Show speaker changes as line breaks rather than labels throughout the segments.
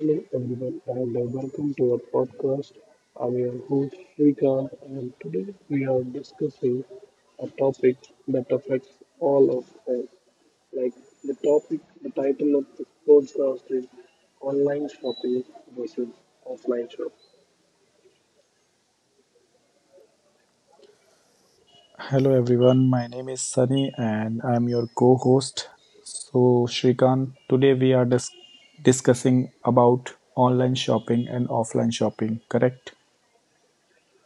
Hello everyone and welcome to our podcast. I'm your host Shrikant and today we are discussing a topic that affects all of us. Like the topic, the title of this podcast is online shopping versus offline shop.
Hello everyone, my name is Sunny and I'm your co-host. So Shrikant, today we are discussing about online shopping and offline shopping, correct?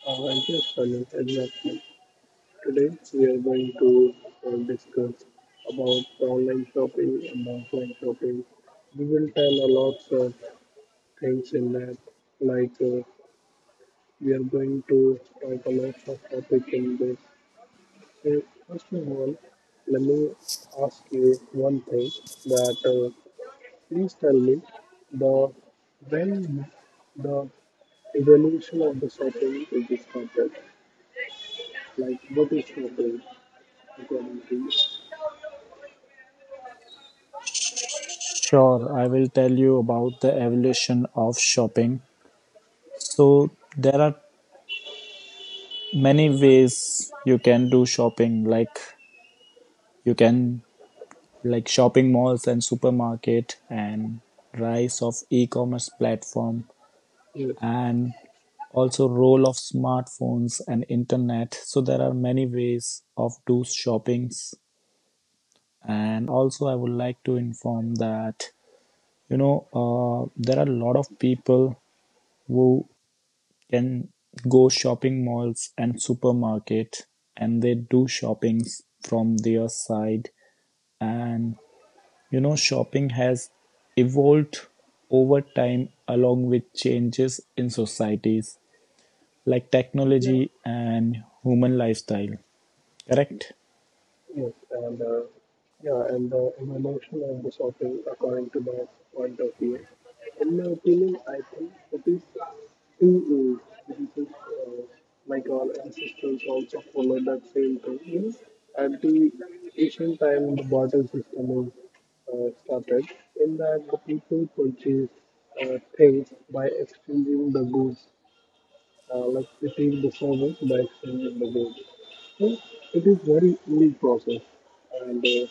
And yes, Sunil, exactly. Today we are going to discuss about online shopping and offline shopping. We will tell a lot of things in that, like uh, we are going to talk a lot of topic in this. So first of all, let me ask you one thing that, please tell me the when the evolution of the shopping is started. Like what is shopping according to you?
Sure, I will tell you about the evolution of shopping. So there are many ways you can do shopping, like you can like shopping malls and supermarket and rise of e-commerce platform
Yes.
and also role of smartphones and internet, so there are many ways of do shoppings. And also I would like to inform that there are a lot of people who can go shopping malls and supermarket and they do shoppings from their side, and you know shopping has evolved over time along with changes in societies like
Yeah.
technology and human lifestyle. Correct?
Yes, and yeah, and the evolution of the shopping according to my point of view. In my opinion, I think it is two ways. This is like our ancestors also followed that same thing. You know, at the ancient time, the barter system is started. In that the people purchase things by exchanging the goods, like the service by exchanging the goods. So it is very old process, and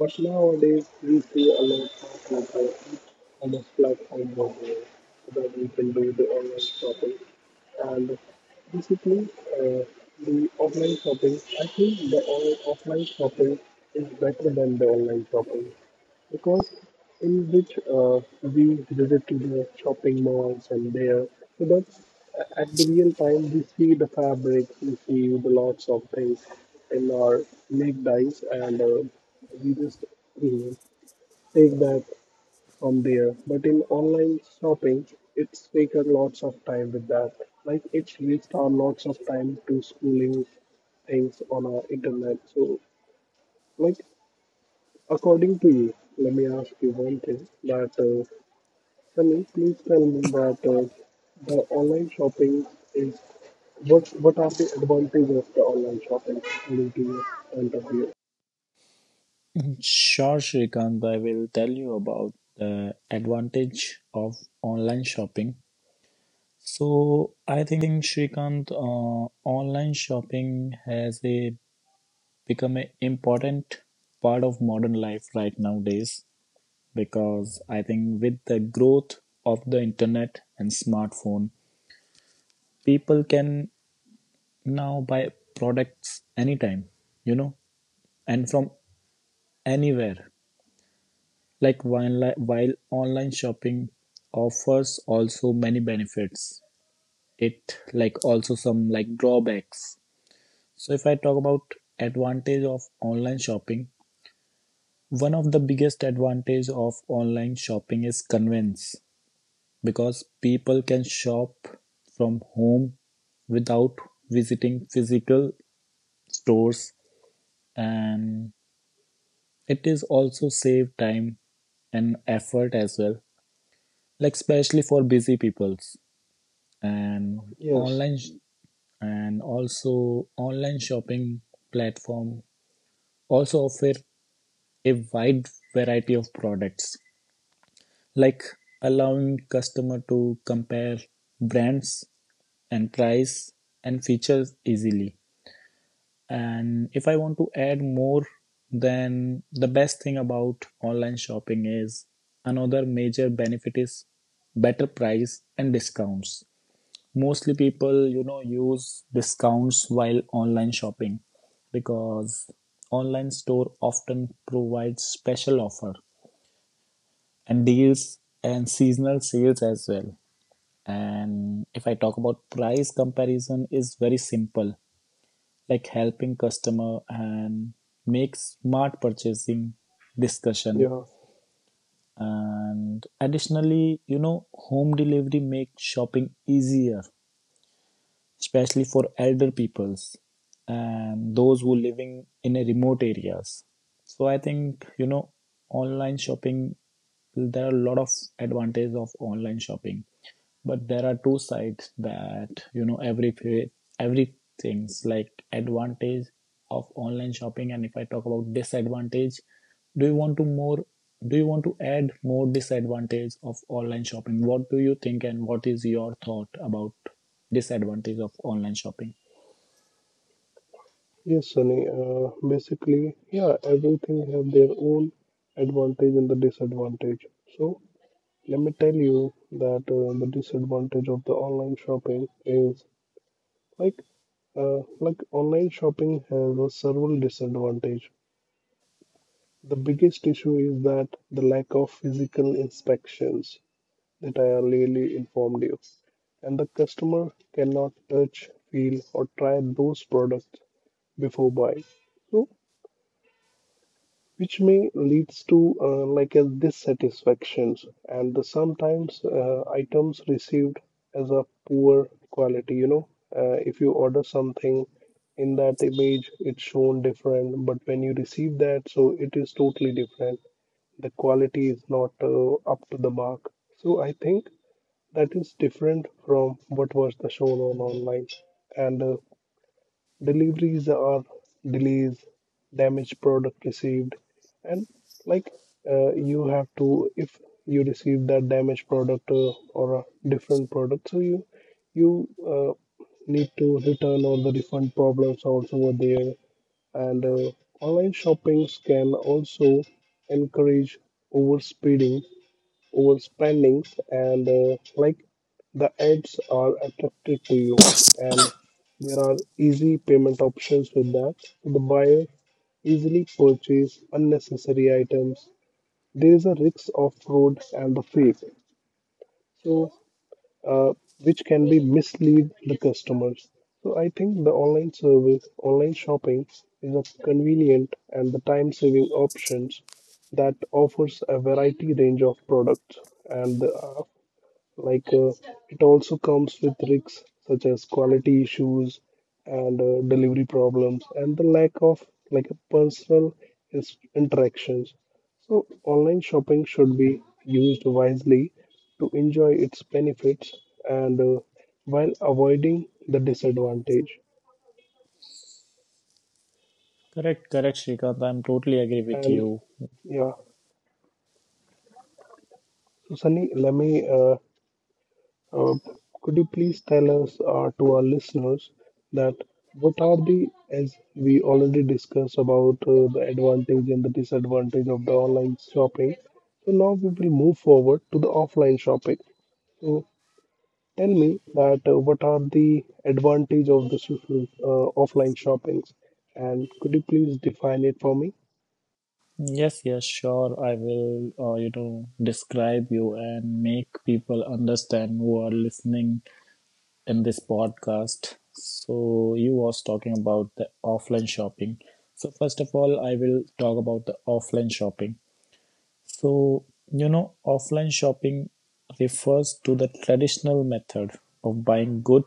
but nowadays we see a lot of e-commerce platforms out there that we can do the online shopping, and basically uh, the offline shopping. I think the offline shopping is better than the online shopping, because in which we visit to the shopping malls, and there, so at the real time we see the fabric, we see the lots of things in our naked eyes, and we just mm, take that from there. But in online shopping, it's taken lots of time with that, like it's reached our lots of time to schooling things on our internet. So, like, according to you, let me ask you one thing that, can you please tell me that, the online shopping is what are the advantages of the online shopping according to your point of view?
Sure, Shrikant, I will tell you about the advantage of online shopping. So I think Shrikant, online shopping has a become an important part of modern life right nowadays, because I think with the growth of the internet and smartphone, people can now buy products anytime, you know, and from anywhere, like while online shopping offers also many benefits, it like also some like drawbacks. So if I talk about advantage of online shopping, one of the biggest advantage of online shopping is convenience, because people can shop from home without visiting physical stores, and it is also save time and effort as well, like especially for busy peoples. And
Yes,
online sh- also online shopping platform also offer a wide variety of products, like allowing customer to compare brands and price and features easily. And if I want to add more, then the best thing about online shopping is another major benefit is better price and discounts. Mostly people, you know, use discounts while online shopping, because online store often provides special offer and deals and seasonal sales as well. And if I talk about price comparison is very simple, like helping customer and make smart purchasing discussion.
yeah,
And additionally, you know, home delivery makes shopping easier, especially for elder peoples and those who living in a remote areas. So I think, you know, online shopping, there are a lot of advantages of online shopping, but there are two sides that you know everything's like advantage of online shopping. And if I talk about disadvantage, do you want to more, do you want to add more disadvantage of online shopping? What do you think and what is your thought about disadvantage of online shopping?
yes, Sunny. Basically, yeah, everything have their own advantage and the disadvantage. So let me tell you that, the disadvantage of the online shopping is like like online shopping has a several disadvantage. The biggest issue is that the lack of physical inspections, that I earlier informed you, and the customer cannot touch, feel, or try those products before buying. So, which may leads to like a dissatisfactions, and the sometimes items received as a poor quality. You know, if you order something in that image, it's shown different, but when you receive that, so it is totally different. The quality is not up to the mark. So I think that is different from what was the shown on online. And deliveries are delays, damaged product received, and like you have to, if you receive that damaged product or a different product, so you need to return. All the refund problems also were there, and online shoppings can also encourage overspeeding overspendings, and like the ads are attracted to you, and there are easy payment options with that the buyer easily purchase unnecessary items. There is a risk of fraud and the fake, so uh, which can be mislead the customers. So I think the online service, online shopping is a convenient and the time-saving options that offers a variety range of products, and the like it also comes with risks such as quality issues and delivery problems and the lack of like personal interactions. So online shopping should be used wisely to enjoy its benefits and while avoiding the disadvantage.
Correct, correct, Shrikant. I'm totally agree with
And
you.
yeah, so Sunny, let me Uh, could you please tell us, to our listeners, that what are the, as we already discussed about the advantage and the disadvantage of the online shopping, so now we will move forward to the offline shopping. So tell me that, what are the advantage of the social, offline shoppings, and could you please define it for me?
Yes, yes, sure. I will, you know, describe you and make people understand who are listening in this podcast. So you was talking about the offline shopping. So first of all, I will talk about the offline shopping. So, you know, offline shopping refers to the traditional method of buying good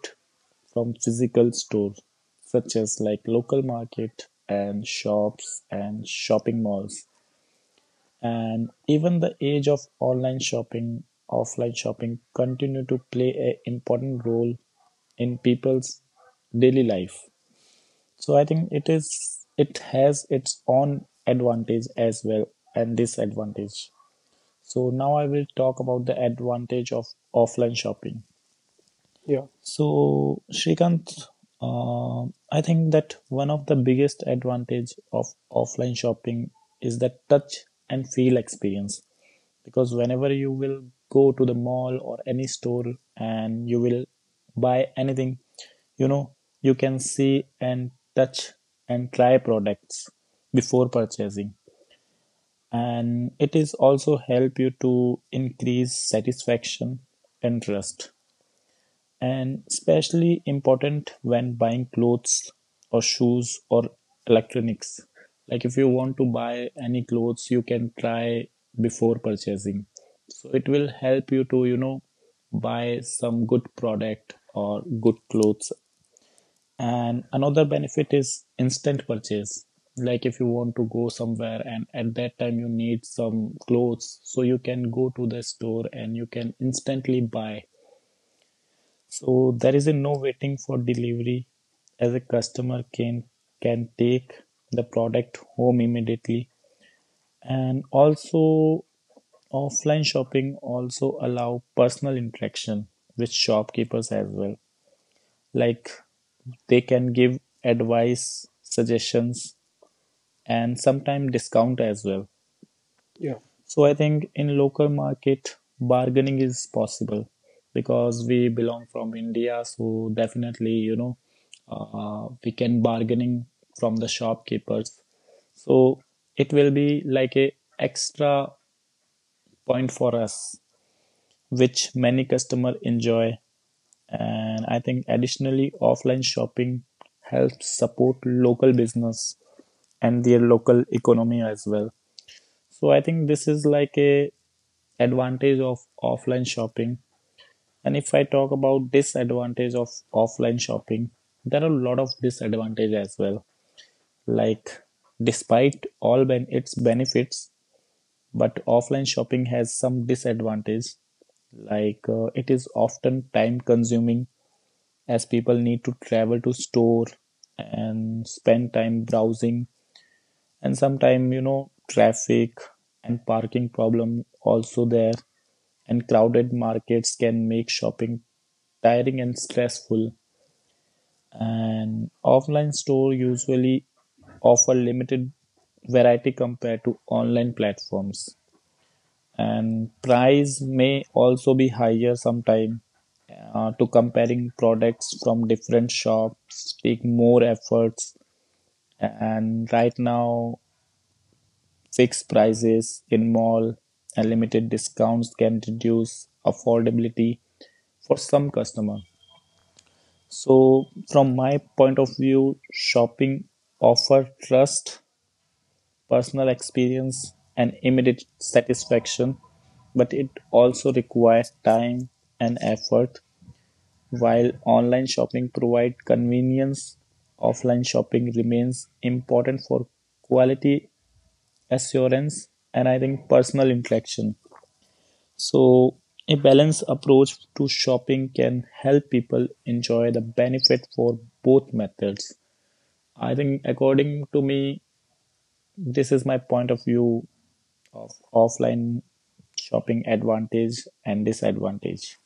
from physical stores, such as like local market and shops and shopping malls. And even the age of online shopping, offline shopping continue to play an important role in people's daily life. So I think it is it has its own advantage as well and disadvantage. So now I will talk about the advantage of offline shopping.
Yeah,
So Shrikant, uh, I think that one of the biggest advantage of offline shopping is the touch and feel experience. Because whenever you will go to the mall or any store and you will buy anything, you know, you can see and touch and try products before purchasing, and it is also help you to increase satisfaction interest, and especially important when buying clothes or shoes or electronics. Like if you want to buy any clothes, you can try before purchasing, so it will help you to, you know, buy some good product or good clothes. And another benefit is instant purchase. Like if you want to go somewhere and at that time you need some clothes, so you can go to the store and you can instantly buy. So there is a no waiting for delivery, as a customer can take the product home immediately. And also offline shopping also allow personal interaction with shopkeepers as well, like they can give advice, suggestions and sometimes discount as well.
yeah.
So I think in local market bargaining is possible, because we belong from India, so definitely you know we can bargaining from the shopkeepers. So it will be like a extra point for us, which many customer enjoy. And I think additionally offline shopping helps support local business and their local economy as well. So I think this is like a advantage of offline shopping. And if I talk about disadvantage of offline shopping, there are a lot of disadvantage as well, like despite all its benefits, but offline shopping has some disadvantage like it is often time consuming, as people need to travel to store and spend time browsing. And sometimes, you know, traffic and parking problem also there, and crowded markets can make shopping tiring and stressful. And offline store usually offer limited variety compared to online platforms, and price may also be higher sometime, to comparing products from different shops take more efforts. And right now fixed prices in mall and limited discounts can reduce affordability for some customer. So from my point of view, shopping offer trust, personal experience and immediate satisfaction, but it also requires time and effort. While online shopping provide convenience, offline shopping remains important for quality assurance and I think personal interaction. So, a balanced approach to shopping can help people enjoy the benefit for both methods. I think, according to me, this is my point of view of offline shopping advantage and disadvantage.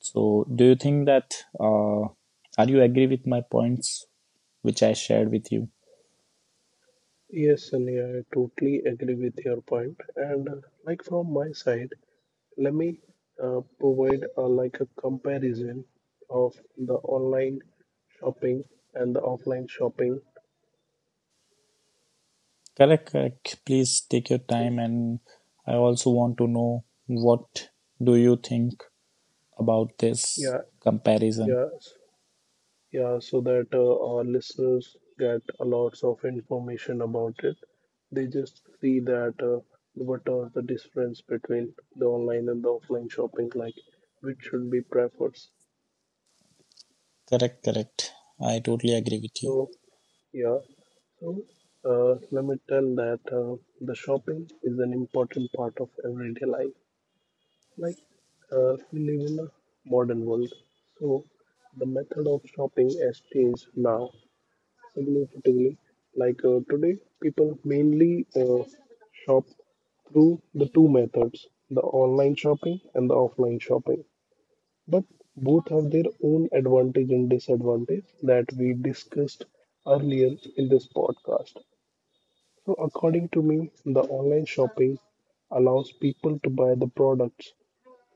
So, do you think that uh, are you agree with my points which I shared with you?
Yes, Sunny, I totally agree with your point. And like from my side, let me provide like a comparison of the online shopping and the offline shopping.
Correct, correct. Please take your
So
time, and I also want to know what do you think about this
yeah,
comparison.
yeah, yeah. So that our listeners get a lots of information about it. They just see that, what are the difference between the online and the offline shopping, like which should be preferred.
Correct, correct. I totally agree with you.
So yeah. So, let me tell that, the shopping is an important part of everyday life. Like we live in a modern world, so the method of shopping has changed now significantly. Today, people mainly shop through the two methods, the online shopping and the offline shopping. But both have their own advantage and disadvantage, that we discussed earlier in this podcast. So, according to me, the online shopping allows people to buy the products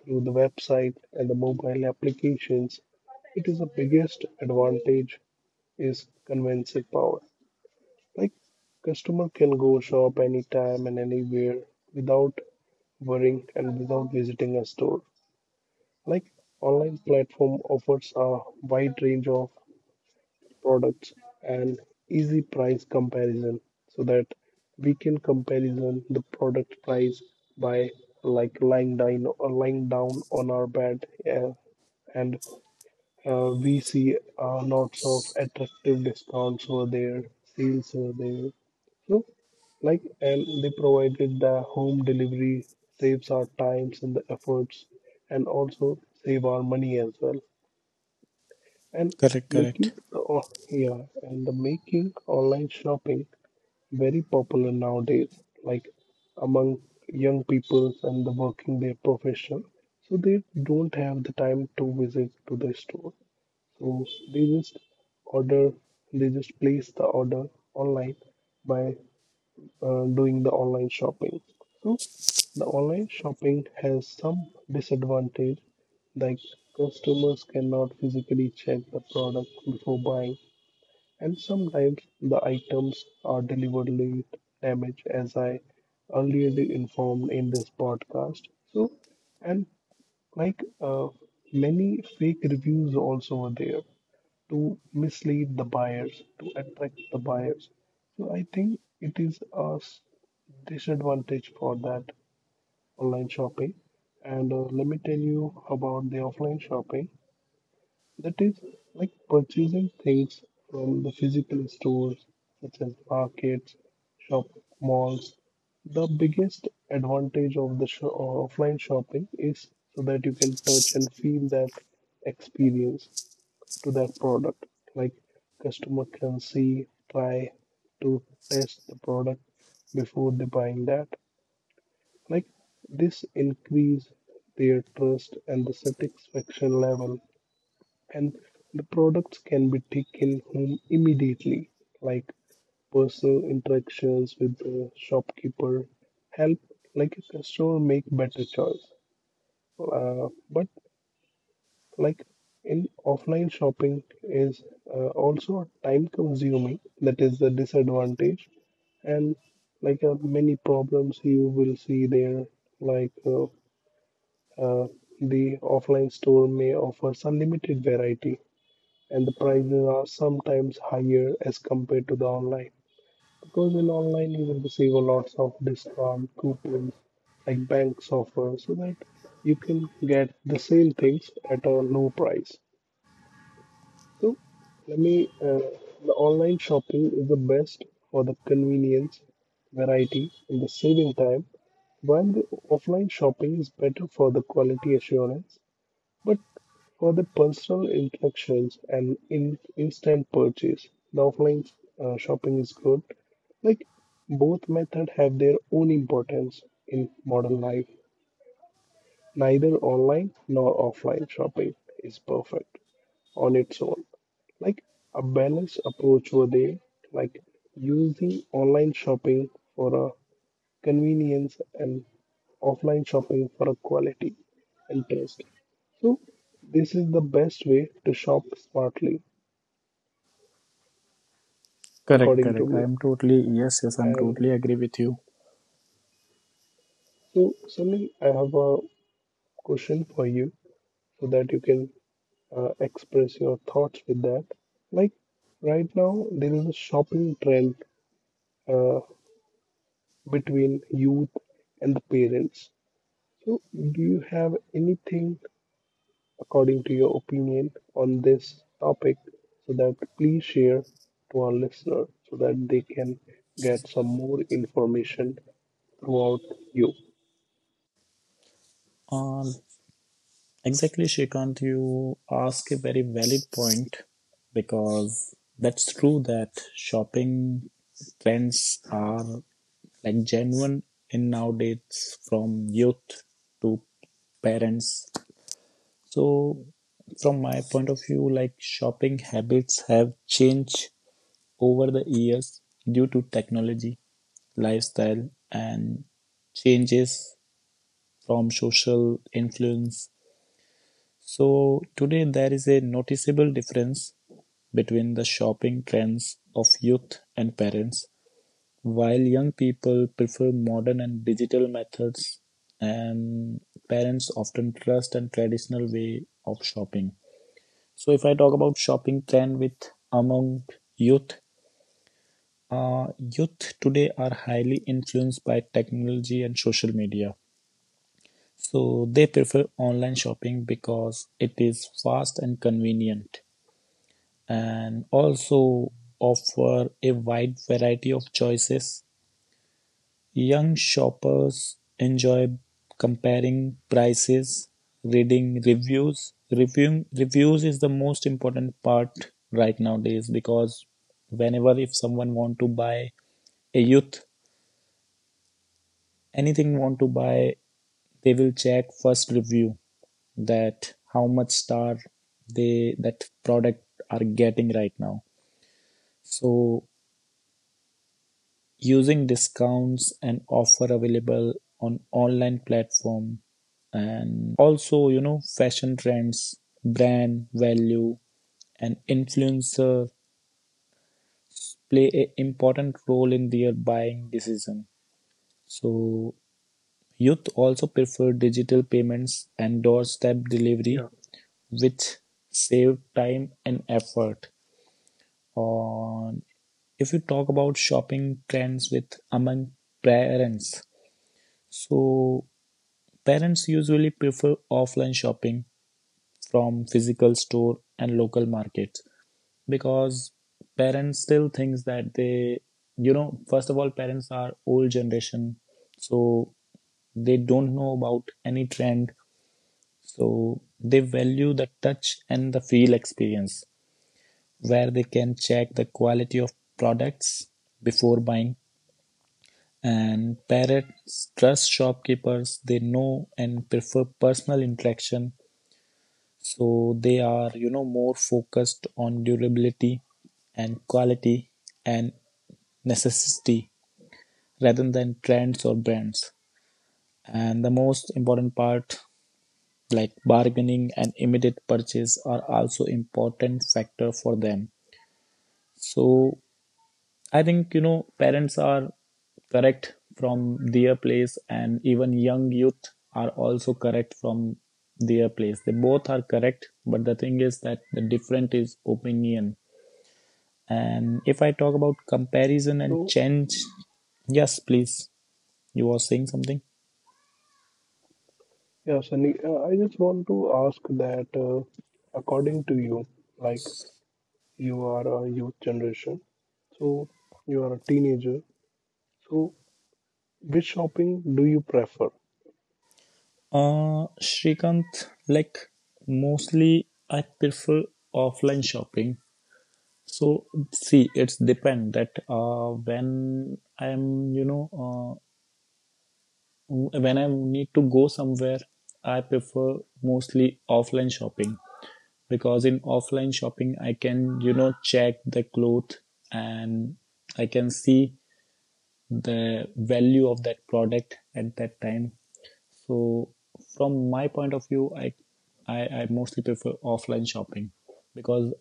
through the website and the mobile applications. It is the biggest advantage is convincing power. Like customer can go shop anytime and anywhere without worrying and without visiting a store. Like online platform offers a wide range of products and easy price comparison, so that we can comparison the product price by like lying down or lying down on our bed. Yeah, and we see lots of attractive discounts over there, sales over there. So, like, and they provided the home delivery, saves our times and the efforts, and also save our money as well. And
Correct,
making
correct.
the oh, yeah, and the making online shopping very popular nowadays, like among young people and the working their profession. So they don't have the time to visit to the store, so they just order, they just place the order online by doing the online shopping. So the online shopping has some disadvantage, like customers cannot physically check the product before buying, and sometimes the items are delivered late, damaged, as I earlier informed in this podcast. So, and like uh, many fake reviews also were there to mislead the buyers, to attract the buyers. So I think it is a disadvantage for that online shopping. And let me tell you about the offline shopping. That is like purchasing things from the physical stores such as markets, shop malls. The biggest advantage of the offline shopping is so that you can touch and feel that experience to that product. Like customer can see, try, to test the product before they buying that. Like this increase their trust and the satisfaction level, and the products can be taken home immediately. Like personal interactions with the shopkeeper help like a customer make better choice, but like in offline shopping is also time consuming, that is the disadvantage, and many problems you will see there, like uh, uh, the offline store may offer some limited variety, and the prices are sometimes higher as compared to the online, because in online you will receive a lots of discount coupons like banks offer, so that you can get the same things at a low price. So let me. The online shopping is the best for the convenience, variety, and the saving time, while the offline shopping is better for the quality assurance, but for the personal interactions and in instant purchase, the offline shopping is good. Like both method have their own importance in modern life. Neither online nor offline shopping is perfect on its own, like a balanced approach were they like using online shopping for a convenience and offline shopping for a quality and taste. So this is the best way to shop smartly,
Correct,
according to
correct. I
me.
am totally, yes, yes, I'm
And
totally agree with you.
so Sunny, I have a question for you, so that you can express your thoughts with that, like right now there is a shopping trend uh, between youth and the parents. So, do you have anything, according to your opinion, on this topic, so that please share to our listener so that they can get some more information throughout you?
Um, exactly, Shrikant, you ask a very valid point, because that's true that shopping trends are like genuine in nowadays from youth to parents. So, from my point of view, like shopping habits have changed over the years due to technology, lifestyle and changes from social influence. So today there is a noticeable difference between the shopping trends of youth and parents. While young people prefer modern and digital methods, and parents often trust and traditional way of shopping. So if I talk about shopping trend with among youth, youth today are highly influenced by technology and social media. So they prefer online shopping because it is fast and convenient and also offer a wide variety of choices. Young shoppers enjoy comparing prices, reading reviews. Reviewing reviews is the most important part right nowadays, because whenever if someone want to buy a youth anything want to buy, they will check first review that how much star they that product are getting right now. So using discounts and offer available on online platform, and also you know fashion trends, brand value and influencer play a important role in their buying decision. So youth also prefer digital payments and doorstep delivery,
Yeah.
which save time and effort. On if you talk about shopping trends with among parents, so parents usually prefer offline shopping from physical store and local markets, because parents still thinks that they, you know, first of all parents are old generation, so they don't know about any trend. So they value the touch and the feel experience, where they can check the quality of products before buying. And parents trust shopkeepers they know and prefer personal interaction, so they are, you know, more focused on durability and quality and necessity rather than trends or brands. And the most important part, like bargaining and immediate purchase, are also important factor for them. So I think, you know, parents are correct from their place, and even young youth are also correct from their place. They both are correct, but the thing is that the different is opinion. And if I talk about comparison and
So,
change, yes, please, you were saying something.
yeah, Sunny, I just want to ask that, according to you, like you are a youth generation, so you are a teenager. So, which shopping do you prefer?
Shrikant, like mostly I prefer offline shopping. So see, it's depend that when I'm, you know, when I need to go somewhere, I prefer mostly offline shopping, because in offline shopping, I can, you know, check the cloth and I can see the value of that product at that time. So from my point of view, I mostly prefer offline shopping, because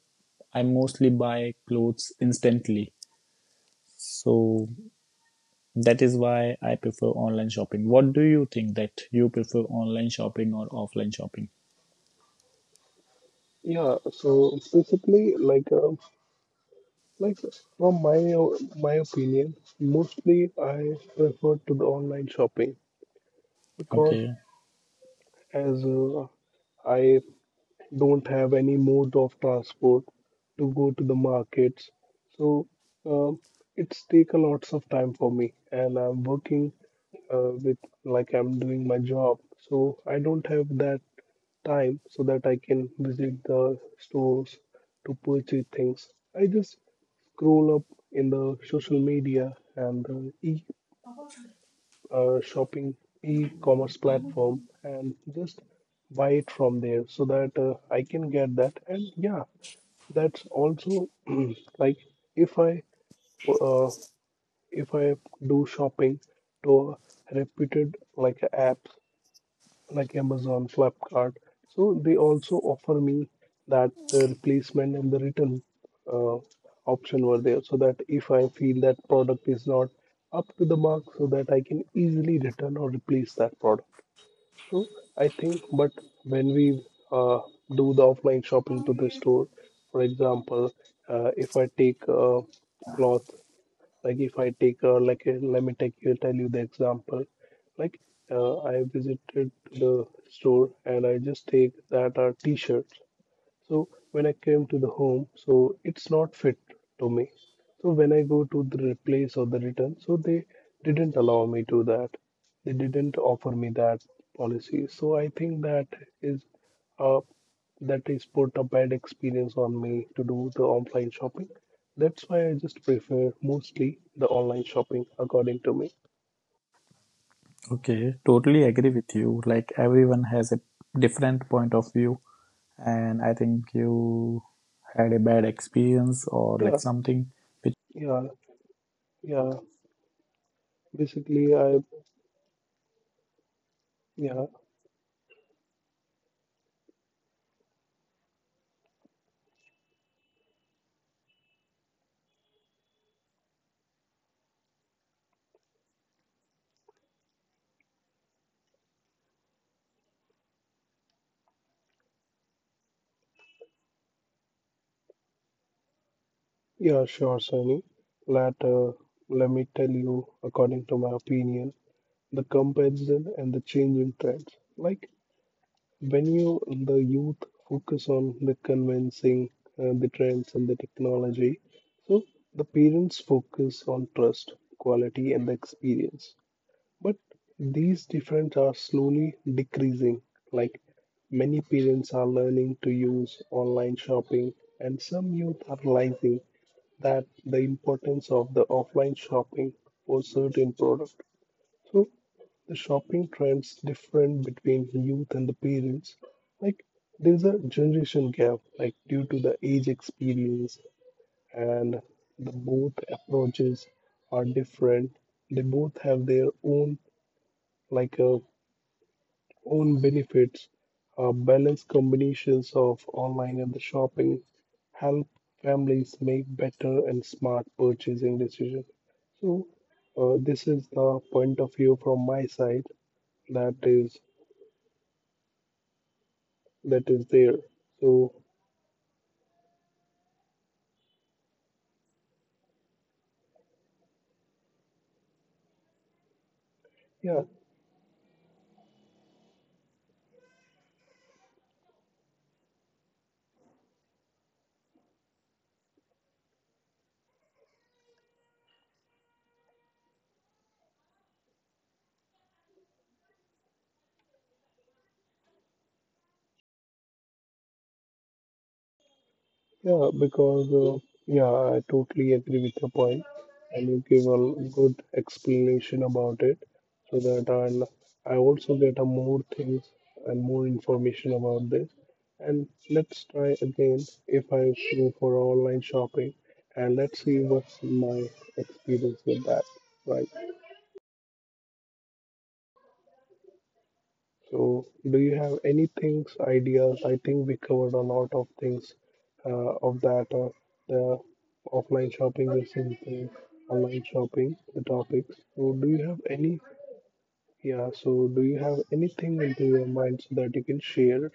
I mostly buy clothes instantly. So that is why I prefer online shopping. What do you think that you prefer online shopping or offline shopping?
Yeah, so basically, like from my opinion, mostly I prefer to do online shopping, because
Okay,
as I don't have any mode of transport to go to the markets, so um, it's take a lots of time for me, and I'm working with like I'm doing my job, so I don't have that time so that I can visit the stores to purchase things. I just scroll up in the social media and the e shopping e-commerce platform and just buy it from there so that I can get that. And yeah, that's also like if I uh, if I do shopping to a reputed like a app like Amazon, Flipkart. So they also offer me that the replacement and the return uh, option were there, so that if I feel that product is not up to the mark, so that I can easily return or replace that product. So I think, but when we uh, do the offline shopping to the store, for example, if I take a cloth, like if I take like let me take you tell you the example like I visited the store and I just take that t-shirt, so when I came to the home, so it's not fit to me. So when I go to the replace or the return, so they didn't allow me to that. They didn't offer me that policy. So I think that is uh, that is put a bad experience on me to do the online shopping. That's why I just prefer mostly the online shopping according to me.
okay, totally agree with you. Like everyone has a different point of view, and I think you had a bad experience or
Yeah,
like something
yeah, yeah. Basically, I yeah. Yeah, sure, Sunny. Let, let me tell you, according to my opinion, the comparison and the changing trends. Like when you, the youth, focus on the convincing, the trends and the technology, so the parents focus on trust, quality, and the experience. But these difference are slowly decreasing. Like many parents are learning to use online shopping, and some youth are realizing that the importance of the offline shopping for certain product. So the shopping trends different between youth and the parents. Like there's a generation gap, like due to the age experience and the both approaches are different. They both have their own like a own benefits, balanced combinations of online and the shopping help families make better and smart purchasing decisions. So this is the point of view from my side that is there. So yeah. Yeah, because yeah, I totally agree with your point, and you give a good explanation about it, so that I also get a more things and more information about this. And let's try again if I go for online shopping, and let's see what's my experience with that, right? So, do you have any things, ideas? I think we covered a lot of things of that. The offline shopping versus the online shopping, the topics. So, do you have any? Yeah. So, do you have anything into your mind so that you can share?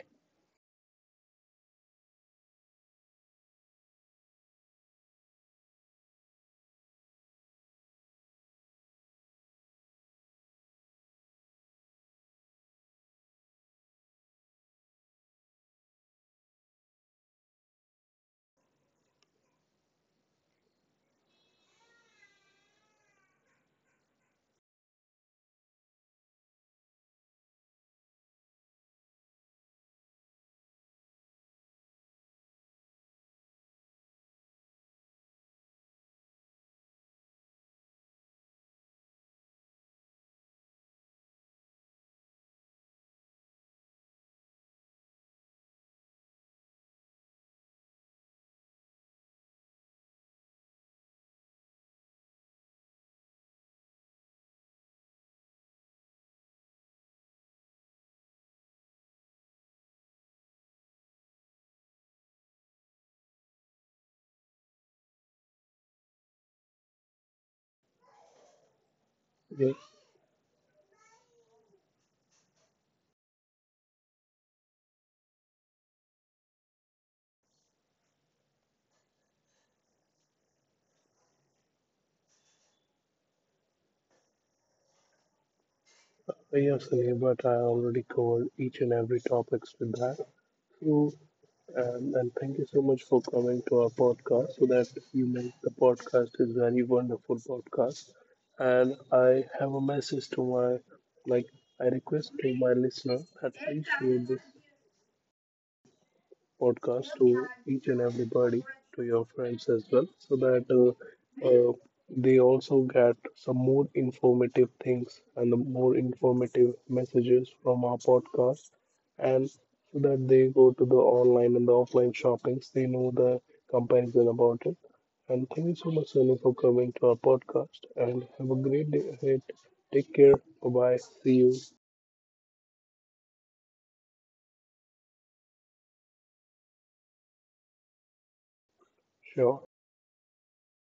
Yes. Yes, Sunil, but I already covered each and every topics with that. So, And thank you so much for coming to our podcast so that you make the podcast is very wonderful podcast. And I have a message to my like I request to my listener that please share this podcast to each and everybody, to your friends as well, so that uh, they also get some more informative things and the more informative messages from our podcast, and so that they go to the online and the offline shoppings, they know the comparison about it. And thank you so much, Sunny, for coming to our podcast. And have a great day ahead. Take care. Bye bye. See you. Sure.